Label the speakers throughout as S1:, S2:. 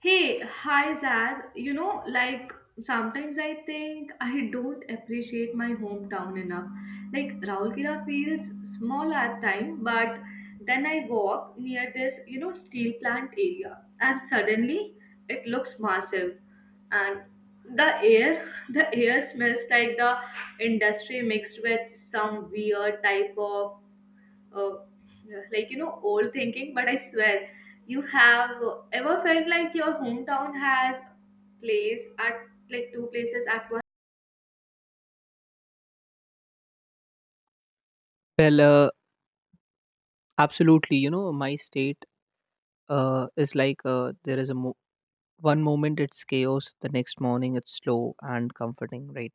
S1: Hey, hi Zad. You know, like sometimes I think I don't appreciate my hometown enough. Like Raulkela feels small at time, but then I walk near this, you know, steel plant area, and suddenly it looks massive, and the air, the air smells like the industry mixed with some weird type of uh, like you know old thinking but I swear you have ever felt like your hometown has place at like two places at once.
S2: Well, uh, absolutely. You know, my state is like there one moment it's chaos, the next morning it's slow and comforting, right?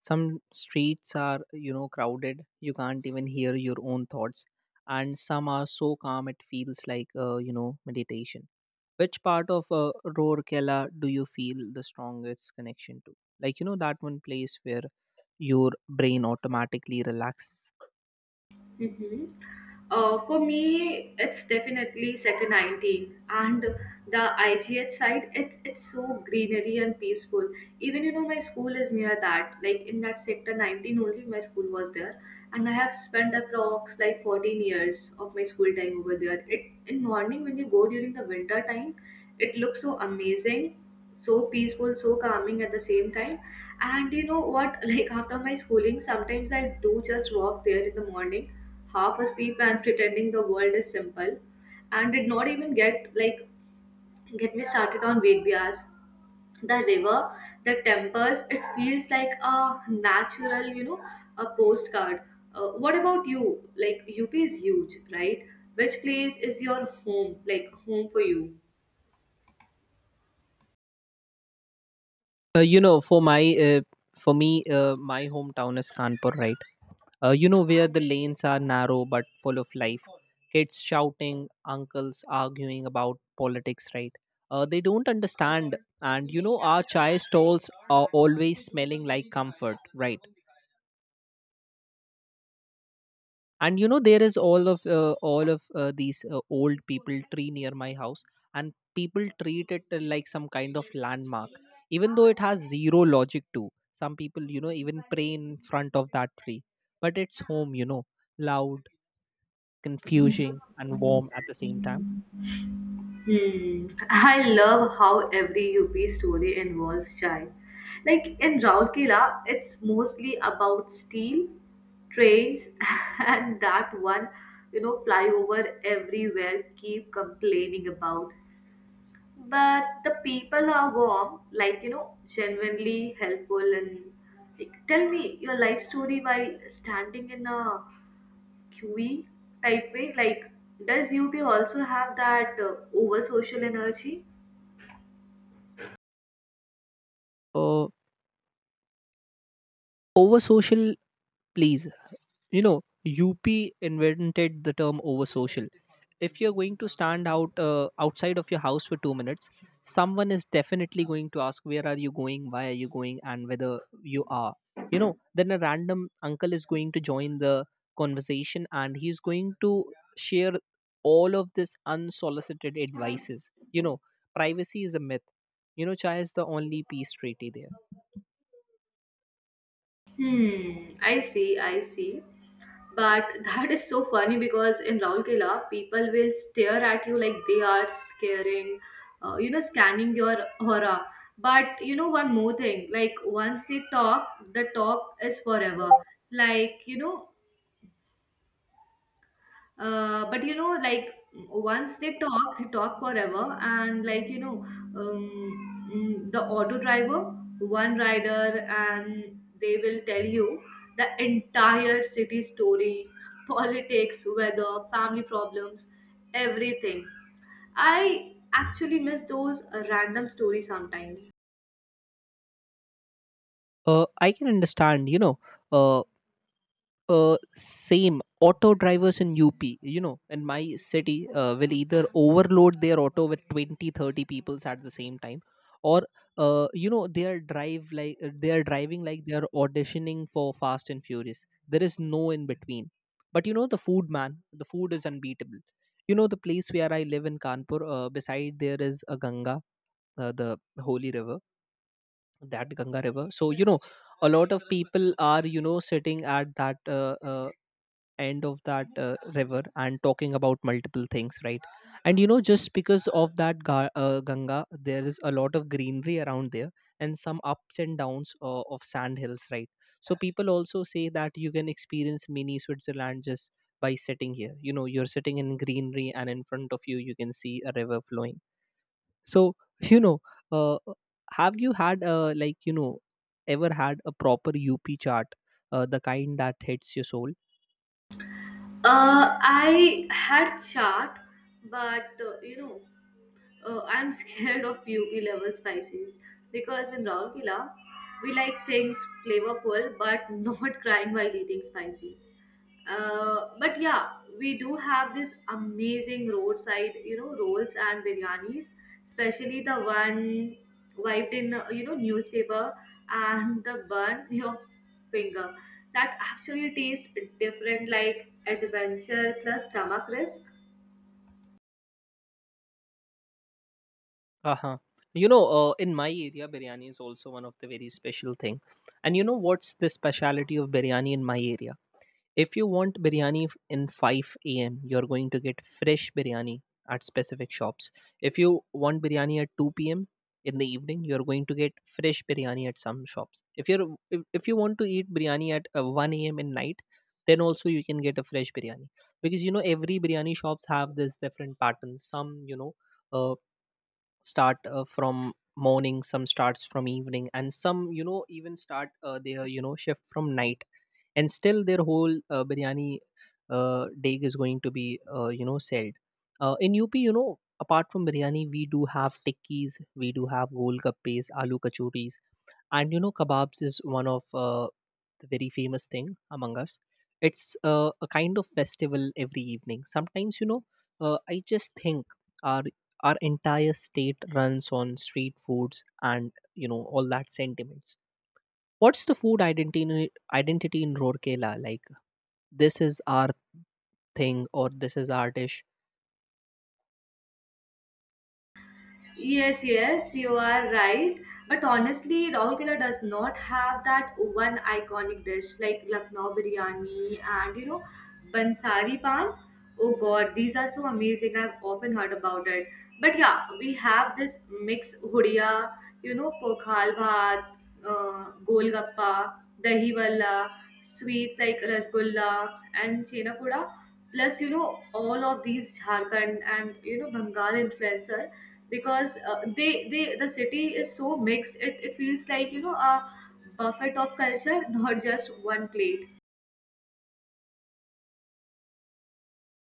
S2: Some streets are, you know, crowded. You can't even hear your own thoughts. And some are so calm it feels like, meditation. Which part of Rourkela do you feel the strongest connection to? Like, you know, that one place where your brain automatically relaxes.
S1: Mm-hmm. For me, it's definitely Sector 19 and the IGH side. It's so greenery and peaceful. Even you know my school is near that. Like in that Sector 19 only, my school was there, and I have spent approx like 14 years of my school time over there. It in morning when you go during the winter time, it looks so amazing, so peaceful, so calming at the same time. And you know what? Like after my schooling, sometimes I do just walk there in the morning half asleep and pretending the world is simple and did not even get me started on Ved Vyas. The river, the temples, it feels like a natural, you know, a postcard. What about you? Like UP is huge, right? Which place is your home? Like home for you?
S2: You know, for my uh, for me, My hometown is Kanpur, right? You know, where the lanes are narrow but full of life. Kids shouting, uncles arguing about politics, right? They don't understand, and you know, our chai stalls are always smelling like comfort, right? And you know, there is all of these old people tree near my house, and people treat it like some kind of landmark, even though it has zero logic. To some people, you know, even pray in front of that tree. But it's home, you know. Loud, confusing, and warm at the same time.
S1: Hmm. I love how every UP story involves chai. Like in Raurkela, it's mostly about steel, trains, and that one, you know, flyover everywhere keep complaining about. But the people are warm, like, you know, genuinely helpful. And like, tell me your life story while standing in a queue type way. Like, does UP also have that over social energy?
S2: uh, Over social? Please. You know, UP invented the term over social. If you're going to stand outside of your house for 2 minutes, someone is definitely going to ask, where are you going? Why are you going? And whether you are. You know, then a random uncle is going to join the conversation, and he's going to share all of this unsolicited advices. You know, privacy is a myth. You know, chai is the only peace treaty there.
S1: Hmm, I see, I see. But that is so funny because in Raulkela, people will stare at you like they are scaring, you know, scanning your aura. But you know, one more thing, like once they talk, the talk is forever. Like, you know, but you know, like once they talk forever, and like you know, the auto driver, one rider, and they will tell you the entire city story, politics, weather, family problems, everything. I actually miss those random stories sometimes.
S2: I can understand, uh, same auto drivers in up, you know, in my city will either overload their auto with twenty, thirty 30 peoples at the same time, or they are driving like they are auditioning for Fast and Furious. There is no in between. But you know, the food, man, the food is unbeatable. You know, the place where I live in Kanpur, beside there is a Ganga, the holy river, that Ganga river. So you know, a lot of people are, you know, sitting at that end of that river and talking about multiple things, right? And you know, just because of Ganga, there is a lot of greenery around there, and some ups and downs of sand hills, right? So people also say that you can experience mini Switzerland just by sitting here. You know, you're sitting in greenery, and in front of you, you can see a river flowing. So you know, uh, have you had, ever had a proper up chart, the kind that hits your soul?
S1: I had chat, but you know, I'm scared of UP level spices because in Raurkela, we like things flavorful but not crying while eating spicy. But yeah, we do have this amazing roadside, you know, rolls and biryanis, especially the one wiped in, you know, newspaper and the bun your finger. That actually tastes different, like adventure plus stomach risk.
S2: Uh-huh. You know, in my area, biryani is also one of the very special thing. And you know what's the speciality of biryani in my area? If you want biryani in 5 a.m., you're going to get fresh biryani at specific shops. If you want biryani at 2 p.m. in the evening, you're going to get fresh biryani at some shops. If you want to eat biryani at 1 a.m. in night, then also you can get a fresh biryani, because you know, every biryani shops have this different patterns. Some, you know. Uh, Start from morning, some starts from evening, and some, you know, even start their, you know, shift from night, and still their whole biryani day is going to be, sold. In up, you know, apart from biryani, we do have tikkis, we do have gol gappes, aloo kachoris, and you know, kebabs is one of the very famous thing among us. It's a kind of festival every evening. Sometimes, you know, I just think our our entire state runs on street foods. And you know, all that sentiments, what's the food identity in Rorkela? Like, this is our thing, or this is our dish.
S1: Yes, yes, you are right. But honestly, Rahulkela does not have that one iconic dish like Lucknow biryani and you know, Bansari pan. Oh God, these are so amazing. I've often heard about it. But yeah, we have this mix hudiya, you know, pokhal bhat, golgappa, dahi valla, sweets like rasgulla and chena poda. Plus, you know, all of these Jharkhand and you know Bengal influencer because the city is so mixed, it feels like you know a buffet of culture not just one plate.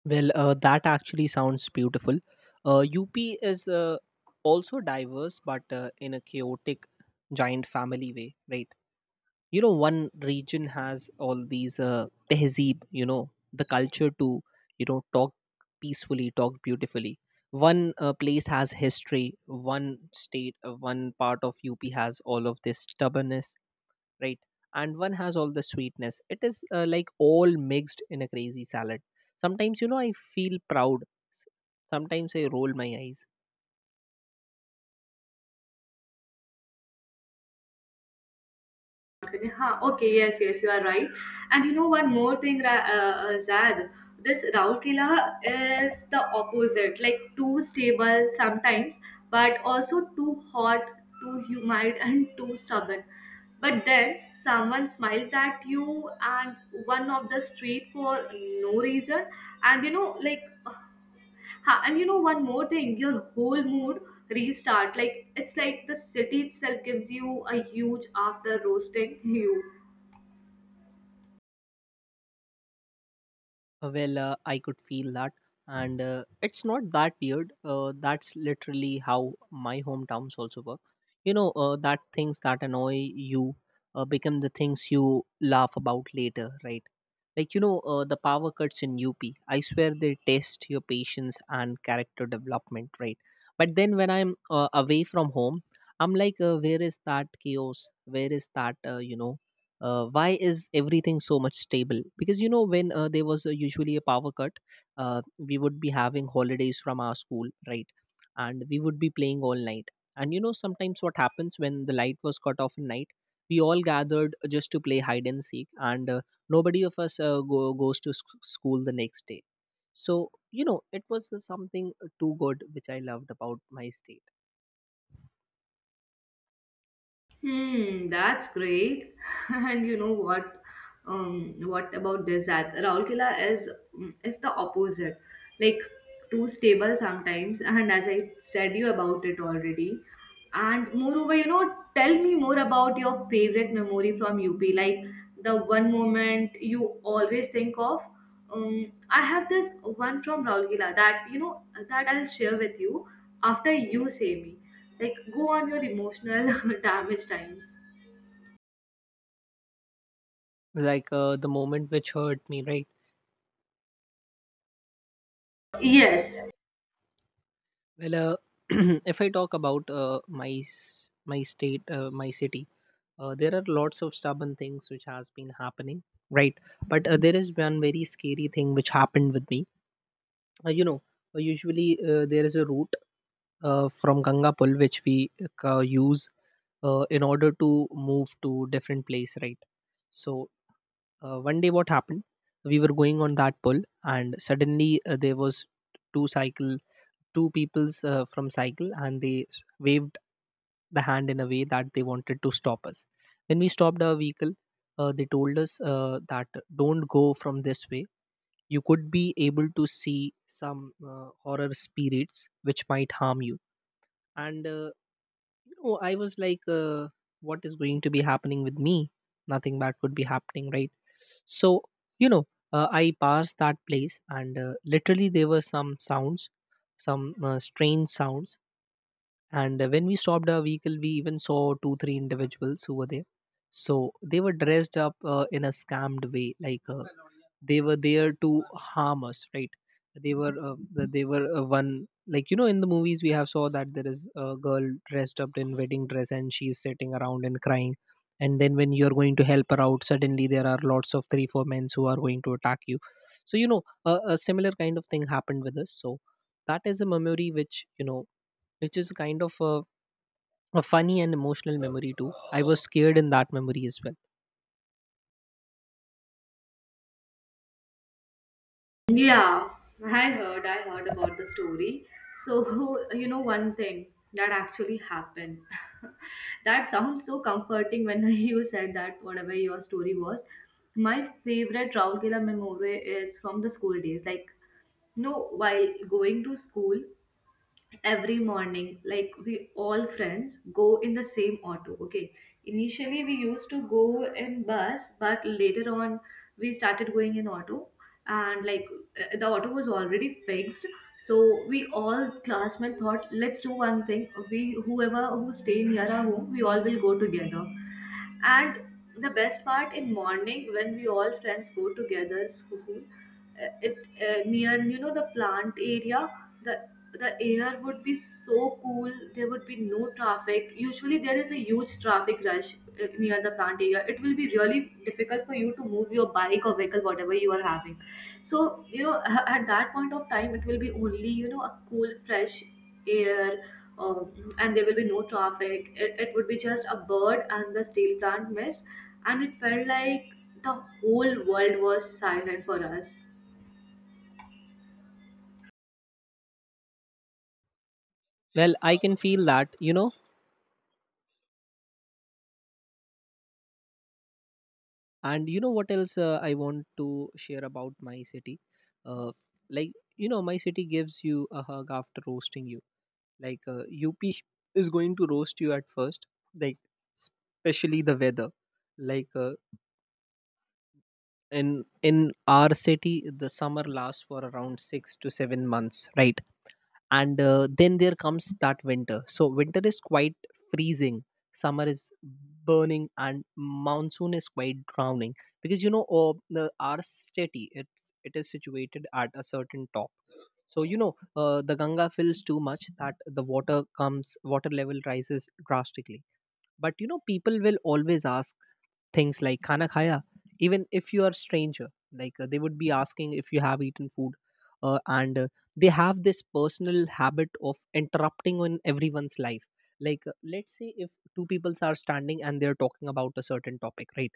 S2: Well, that actually sounds beautiful. UP is also diverse, but in a chaotic, giant family way, right? You know, one region has all these tehzeeb, you know, the culture to, you know, talk peacefully, talk beautifully. One place has history, one part of UP has all of this stubbornness, right, and one has all the sweetness. It is like all mixed in a crazy salad. Sometimes, you know, I feel proud. S- Sometimes I roll my eyes.
S1: Okay, huh, okay, yes, yes, you are right, and you know one more thing, Zad, this Raukela is the opposite, like too stable sometimes, but also too hot, too humid, and too stubborn. But then someone smiles at you and one of the street for no reason, and you know like, ha, and you know one more thing, your whole mood restart. Like, it's like the city itself gives you a huge after roasting you.
S2: Well, I could feel that, and it's not that weird. That's literally how my hometowns also work. You know, that things that annoy you become the things you laugh about later, right? Like, you know, the power cuts in UP, I swear they test your patience and character development, right? But then when I'm away from home, I'm like, where is that chaos? Where is that, why is everything so much stable? Because you know, when there was usually a power cut, we would be having holidays from our school, right? And we would be playing all night. And you know, sometimes what happens, when the light was cut off at night, we all gathered just to play hide and seek, and nobody of us goes to school the next day. So you know, it was something too good, which I loved about my state.
S1: Hmm, that's great. And you know what? What about this? That Raulkela is the opposite, like too stable sometimes. And as I said you about it already. And moreover, you know, tell me more about your favorite memory from UP, like the one moment you always think of. I have this one from Raulkela that you know that I'll share with you after you say me, like, go on your emotional damage times.
S2: Like the moment which hurt me, right.
S1: Yes,
S2: Well, if I talk about my state, my city, there are lots of stubborn things which has been happening, right? But there is one very scary thing which happened with me. You know, usually there is a route from Gangapur which we use in order to move to different place, right? So one day, what happened? We were going on that pull, and suddenly there was two cycle, two people's from cycle, and they waved the hand in a way that they wanted to stop us. When we stopped our vehicle, they told us that don't go from this way. You could be able to see some horror spirits which might harm you. And no, I was like, what is going to be happening with me? Nothing bad could be happening, right? So, you know, I passed that place, and literally there were some sounds, some strange sounds. And when we stopped our vehicle, we even saw two, three individuals who were there. So they were dressed up in a scammed way, like they were there to harm us, right? They they were one, like you know, in the movies we have saw that there is a girl dressed up in wedding dress, and she is sitting around and crying, and then when you're going to help her out, suddenly there are lots of three four men who are going to attack you. So you know, a similar kind of thing happened with us. So that is a memory which, you know, which is kind of a funny and emotional memory too. I was scared in that memory as well.
S1: yeah, I heard about the story. So you know one thing that actually happened, that sounds so comforting when you said that whatever your story was, my favorite Raugela memory is from the school days, like no, while going to school, every morning like we all friends go in the same auto. Okay, initially we used to go in bus, but later on we started going in auto. And like, the auto was already fixed. So we all classmates thought, let's do one thing, we whoever who stay near our home, we all will go together. And the best part, in morning when we all friends go together school, it near you know the plant area, the the air would be so cool, there would be no traffic. Usually there is a huge traffic rush near the plant area. It will be really difficult for you to move your bike or vehicle, whatever you are having. So you know, at that point of time, it will be only you know a cool fresh air. um, and there will be no traffic, it would be just a bird and the steel plant mist. And it felt like the whole world was silent for us.
S2: Well, I can feel that, you know. And you know what else, I want to share about my city, uh, like you know, my city gives you a hug after roasting you. Like up is going to roast you at first, like especially the weather. Like in our city, the summer lasts for around 6 to 7 months, right? And then there comes that winter. So winter is quite freezing, summer is burning, and monsoon is quite drowning. Because you know, our city, it is situated at a certain top. So you know, the Ganga fills too much that the water comes water level rises drastically. But you know, people will always ask things like "Khana khaya," even if you are stranger. Like they would be asking if you have eaten food, and they have this personal habit of interrupting on everyone's life. Like let's say if two peoples are standing and they're talking about a certain topic, right?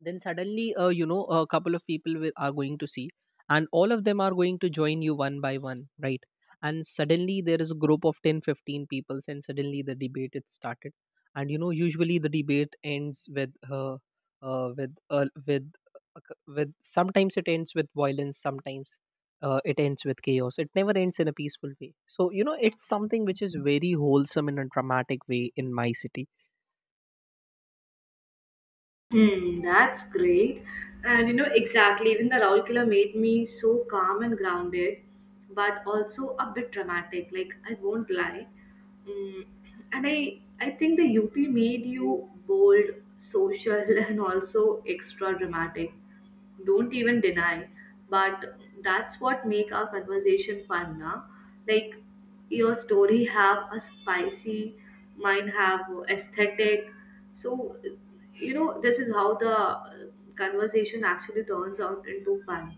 S2: then suddenly a couple of people are going to see, and all of them are going to join you one by one, right? And suddenly there is a group of 10, 15 people, and suddenly the debate it started. And usually the debate ends uh, with uh, with uh, with sometimes it ends with violence. Sometimes it ends with chaos. It never ends in a peaceful way, so it's something which is very wholesome in a dramatic way in my city.
S1: Hmm, that's great. And you know, exactly, even the Raulkela made me so calm and grounded, but also a bit dramatic, like I won't lie. Mm, and I think the UP made you bold, social, and also extra dramatic. Don't even deny, but that's what make our conversation fun now. Like, your story have a spicy, mine have aesthetic. So you know this is how the conversation actually turns out into fun.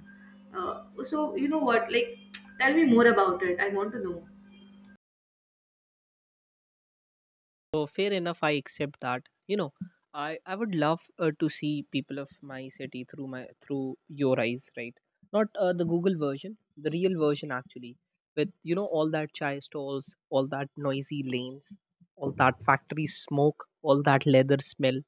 S1: So you know what, like, tell me more about it, I want to know.
S2: So fair enough, I accept that. I would love to see people of my city through my through your eyes, right? Not the Google version, the real version actually, with all that chai stalls, all that noisy lanes, all that factory smoke, all that leather smell,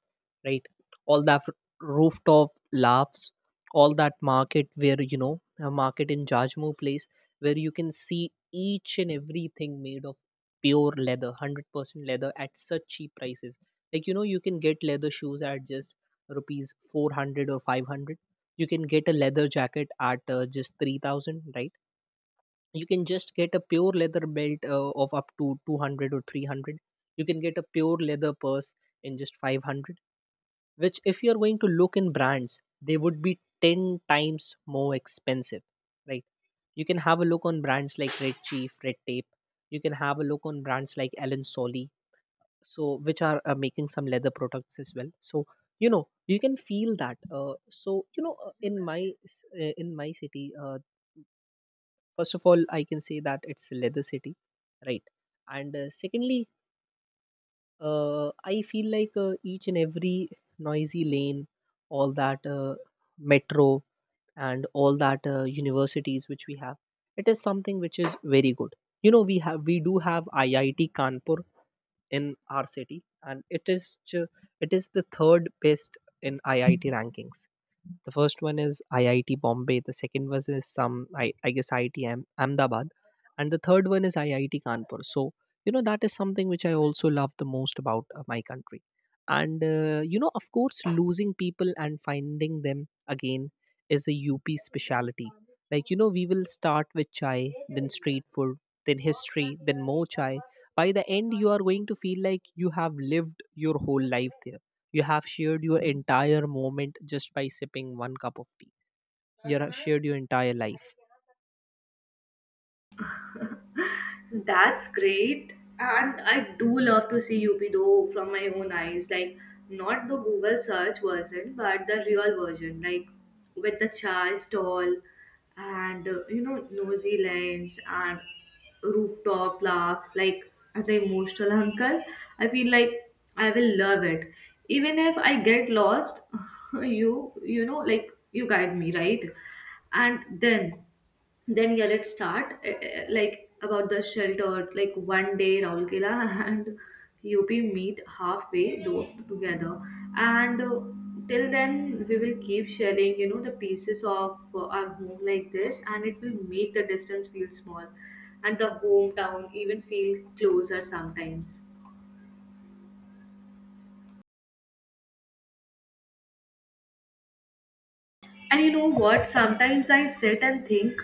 S2: right? All that rooftop laughs, all that market where a market in Jajmo place, where you can see each and everything made of pure leather, 100% leather, at such cheap prices. Like you can get leather shoes at just rupees 400 or 500. You can get a leather jacket at just 3,000, right? You can just get a pure leather belt of up to 200 or 300. You can get a pure leather purse in just 500, which, if you're going to look in brands, they would be 10 times more expensive, right? You can have a look on brands like Red Chief, Red Tape. You can have a look on brands like ellen solly, so, which are making some leather products as well. So you can feel that. So in my city, first of all, I can say that it's leather city, right? And secondly, uh, I feel like each and every noisy lane, all that metro, and all that universities which we have, it is something which is very good. You know we have we do have IIT Kanpur in our city, and it is it is the third best in IIT rankings. The first one is IIT Bombay. The second was is some, I guess, IIT Ahmedabad, and the third one is IIT Kanpur. So that is something which I also love the most about my country. And you know, of course, losing people and finding them again is a UP speciality. Like you know, we will start with chai, then street food, then history, then more chai. By the end, you are going to feel like you have lived your whole life there, you have shared your entire moment just by sipping one cup of tea. You have shared your entire life.
S1: That's great. And I do love to see UP though from my own eyes. Like, not the Google search version, but the real version. Like, with the chai stall and, you know, nosy lens and rooftop laugh. Like, the emotional uncle. I feel like I will love it. Even if I get lost, like, you guide me, right? And then, yeah, let's start, like about the shelter, like one day Raulkela and UP meet halfway together, and till then we will keep sharing you know the pieces of our home like this, and it will make the distance feel small, and the hometown even feel closer sometimes. And you know what? Sometimes I sit and think,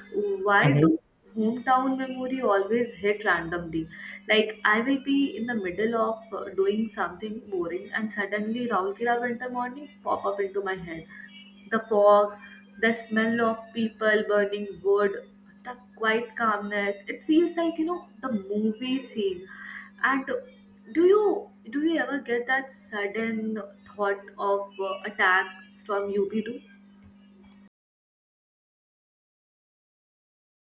S1: why
S2: Hmm.
S1: do hometown memory always hit randomly? Like I will be in the middle of doing something boring, and suddenly Raulkela winter morning pop up into my head. The fog, the smell of people burning wood, the quiet calmness. It feels like you know the movie scene. And do you do you ever get that sudden thought of attack from UP too?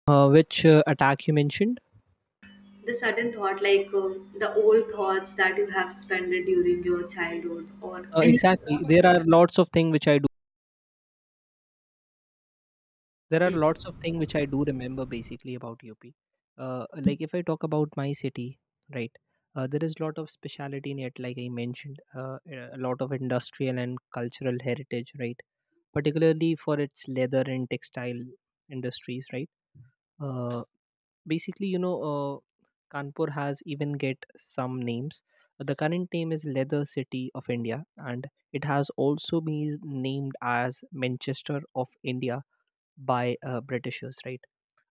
S2: Which attack you mentioned?
S1: The sudden thought, like, the old thoughts that you have spent during your childhood or any.
S2: Exactly. There are lots of things which I do. There are lots of things which I do remember basically about UP. Like if I talk about my city, right? There is lot of speciality in it, like I mentioned, a lot of industrial and cultural heritage, right? Particularly for its leather and textile industries, right? Uh, Basically, Kanpur has even get some names. The current name is leather city of India, and it has also been named as Manchester of India by Britishers, right?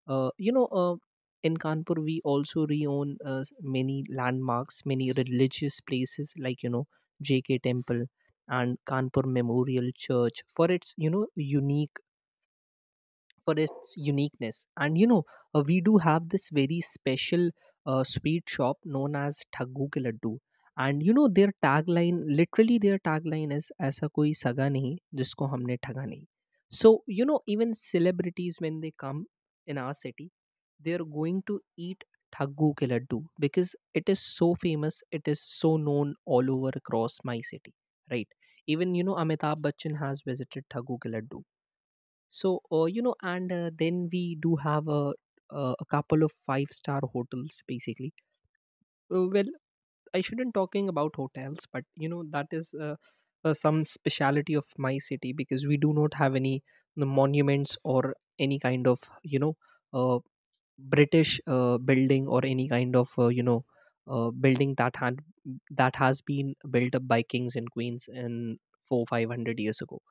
S2: uh, you know uh, in Kanpur, we also reown many landmarks, many religious places, like you know, JK Temple and Kanpur Memorial Church, for its you know unique for its uniqueness. And you know, we do have this very special sweet shop known as Thaggu Ke Laddu. And you know, their tagline, literally their tagline is "Aisa koi saga nahi jisko humne thaga nahi." So you know, even celebrities, when they come in our city, they're going to eat Thaggu Ke Laddu, because it is so famous. It is so known all over across my city, right? Even you know, Amitabh Bachchan has visited Thaggu Ke Laddu. So, you know, and then we do have a couple of five-star hotels, basically. Well, I shouldn't talking about hotels, but you know that is some speciality of my city, because we do not have any, the monuments or any kind of, you know, uh, British building, or any kind of, you know, building that had that has been built up by kings and queens in four five hundred years ago.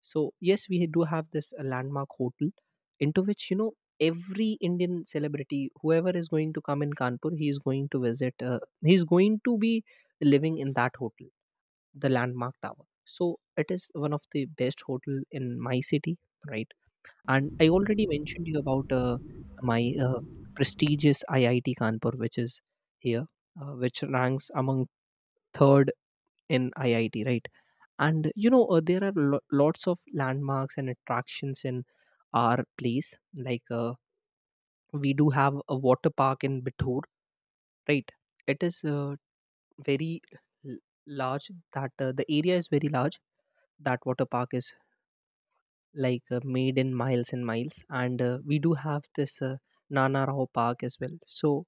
S2: So yes, we do have this landmark hotel, into which, you know, every Indian celebrity, whoever is going to come in Kanpur, he is going to visit. He is going to be living in that hotel, the Landmark Tower. So it is one of the best hotel in my city, right? And I already mentioned you about my prestigious IIT Kanpur, which is here, which ranks among third in IIT, right? And you know, there are lots of landmarks and attractions in our place. Like, we do have a water park in Bittur, right? It is, very l- large, that the area is very large, that water park is like, made in miles and miles. And we do have this Nana Rao Park as well. So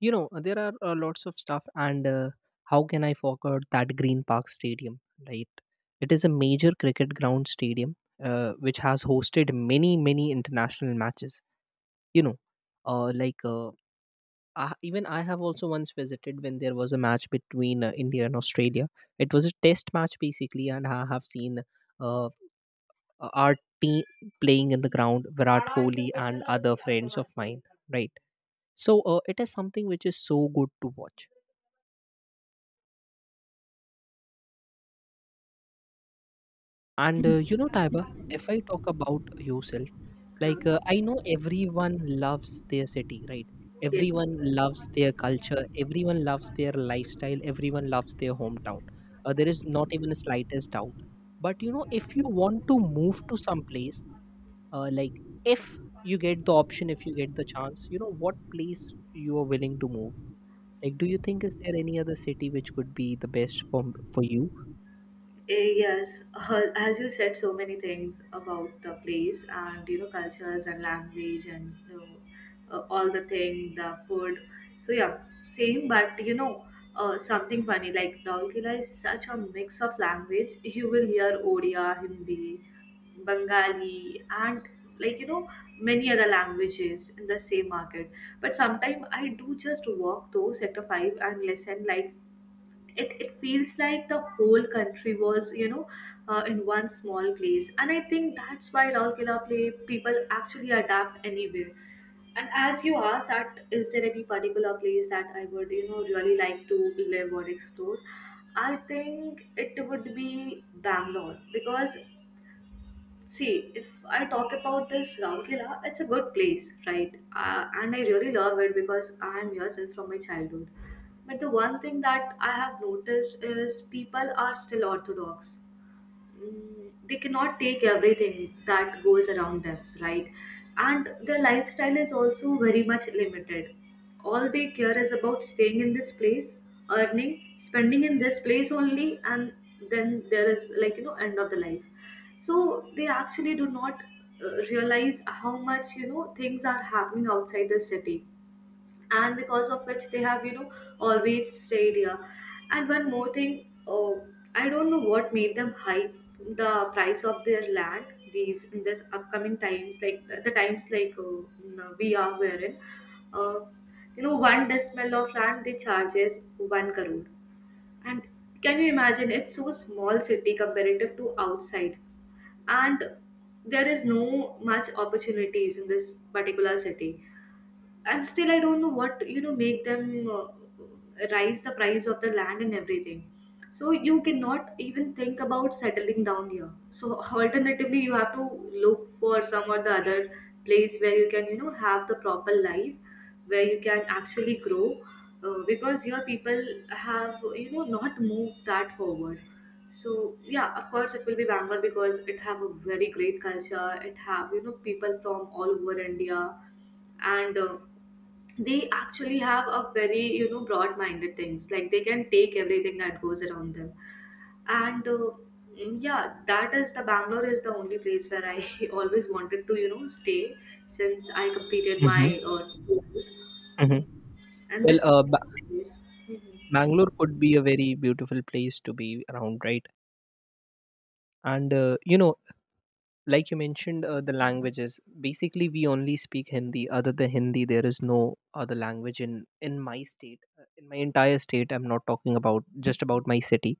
S2: you know, there are, lots of stuff. And how can I forget that Green Park Stadium, right? It is a major cricket ground stadium, which has hosted many, many international matches, you know. uh, like uh, Even I have also once visited, when there was a match between India and Australia. It was a test match basically, and I have seen uh, our team playing in the ground, Virat Kohli and other friends of mine, right? So it is something which is so good to watch. And you know, Taiba, if I talk about yourself, like,
S1: um,
S2: I know everyone loves their city, right?
S1: yeah.
S2: Everyone loves their culture, everyone loves their lifestyle, everyone loves their hometown. There is not even the slightest doubt. But you know, if you want to move to some place, like, if you get the option, if you get the chance, you know, what place you are willing to move? Like, do you think, is there any other city which could be the best for you?
S1: Yes, as you said so many things about the place and you know cultures and language and you know, all the thing the food, so yeah, same. But you know, something funny, like Raul Kila is such a mix of language. You will hear Odia, Hindi, Bengali, and like you know many other languages in the same market. But sometimes I do just walk those sector 5 and listen. Like it feels like the whole country was you know in one small place, and I think that's why Raurkela play people actually adapt anywhere. And as you asked, that is there any particular place that I would you know really like to live or explore? I think it would be Bangalore, because see, if I talk about this Raukela, it's a good place, right? And I really love it because I am here since from my childhood. But the one thing that I have noticed is people are still orthodox, they cannot take everything that goes around them, right? And their lifestyle is also very much limited. All they care is about staying in this place, earning, spending in this place only, and then there is like, you know, end of the life. So they actually do not realize how much, you know, things are happening outside the city, and because of which they have you know always stayed here. And one more thing, oh, I don't know what made them hype the price of their land these in this upcoming times, like the times like we are wherein, uh, you know, one decimal of land they charges 1 crore. And can you imagine, it's so small city comparative to outside, and there is no much opportunities in this particular city. And still I don't know what you know make them rise the price of the land and everything. So you cannot even think about settling down here, so alternatively you have to look for some or the other place where you can you know have the proper life, where you can actually grow. Because here people have you know not moved that forward. So yeah, of course it will be Bangalore because it have a very great culture, it have you know people from all over India. And they actually have a very you know broad minded things, like they can take everything that goes around them. And yeah, that is the Bangalore is the only place where I always wanted to you know stay since I completed
S2: Mm-hmm.
S1: my
S2: Mm-hmm.
S1: 12th, and
S2: Well,
S1: this was
S2: uh,
S1: the place.
S2: Bangalore could be a very beautiful place to be around, right? And, you know, like you mentioned, the languages. Basically, we only speak Hindi. Other than Hindi, there is no other language in my state, in my entire state. I'm not talking about just about my city.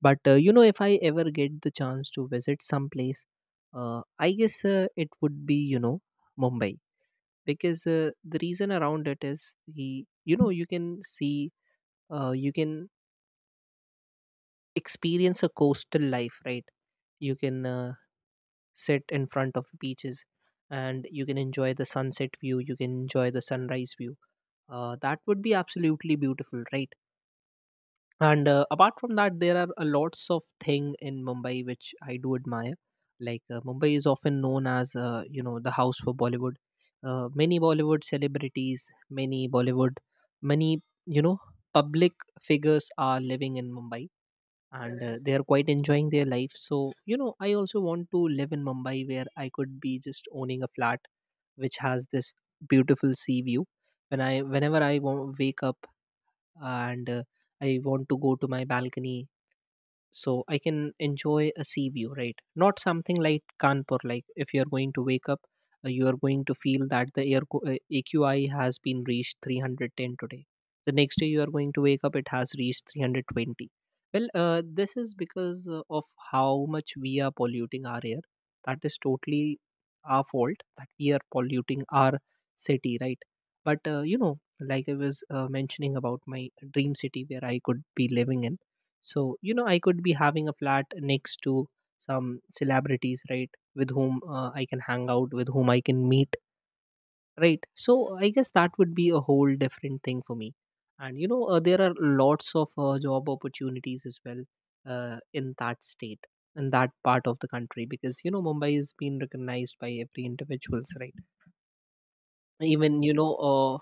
S2: But, you know, if I ever get the chance to visit some place, I guess it would be, you know, Mumbai, because the reason around it is, you can see, you can experience a coastal life, right? You can sit in front of beaches, and you can enjoy the sunset view, you can enjoy the sunrise view. That would be absolutely beautiful, right? And, apart from that, there are a lots of thing in Mumbai which I do admire. Like, Mumbai is often known as, you know, the house for Bollywood. Many Bollywood celebrities, many bollywood many you know public figures are living in Mumbai, and they are quite enjoying their life. So I also want to live in Mumbai, where I could be just owning a flat which has this beautiful sea view. Whenever I wake up, and, I want to go to my balcony, so I can enjoy a sea view, right? Not something like Kanpur, like if you're going to wake up, you are going to feel that the air AQI has been reached 310 today. The next day, you are going to wake up, it has reached 320. Well, this is because of how much we are polluting our air. That is totally our fault, that we are polluting our city, right? But, you know, like I was, mentioning about my dream city where I could be living in. So, you know, I could be having a flat next to some celebrities, right? With whom, I can hang out, with whom I can meet, right? So, I guess that would be a whole different thing for me. And, you know, there are lots of, job opportunities as well, in that state, in that part of the country, because, you know, Mumbai is being recognized by every individuals, right? Even, you know,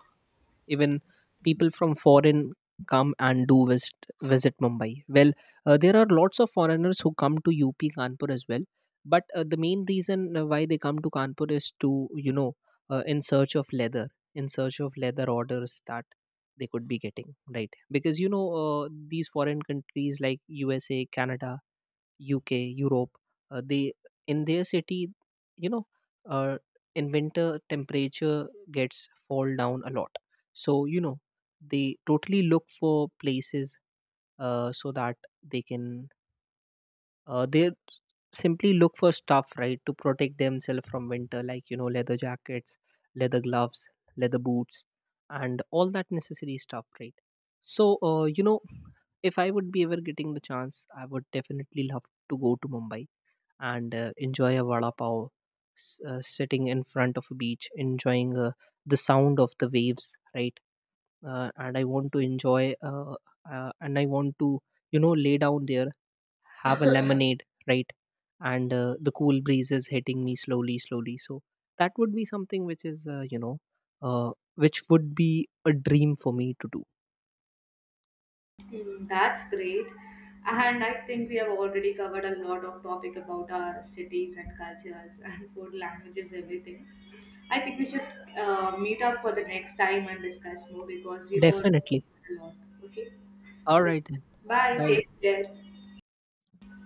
S2: even people from foreign come and do visit, Mumbai. Well, there are lots of foreigners who come to UP Kanpur as well, but, the main reason, why they come to Kanpur is to, you know, uh, in search of leather in search of leather orders that they could be getting, right? Because, you know, these foreign countries like USA, Canada, UK, Europe, they, in their city, you know, uh, in winter, temperature gets fall down a lot. So you know, they totally look for places, so that they can they simply look for stuff, right, to protect themselves from winter, like you know, leather jackets, leather gloves, leather boots, and all that necessary stuff, right? So, you know, if I would be ever getting the chance, I would definitely love to go to Mumbai, and, enjoy a vada pav, sitting in front of a beach, enjoying, the sound of the waves, right? And I want to enjoy, And I want to, you know, lay down there, have a lemonade, right? And, the cool breeze is hitting me slowly, slowly. So that would be something which is, which would be a dream for me to do.
S1: Hmm, that's great. And I think we have already covered a lot of topic about our cities and cultures and food, languages, everything. I think we should meet up for the next time and discuss more because we all
S2: Definitely.
S1: a lot. Okay.
S2: All right then.
S1: Bye.
S2: Bye.
S1: Take care.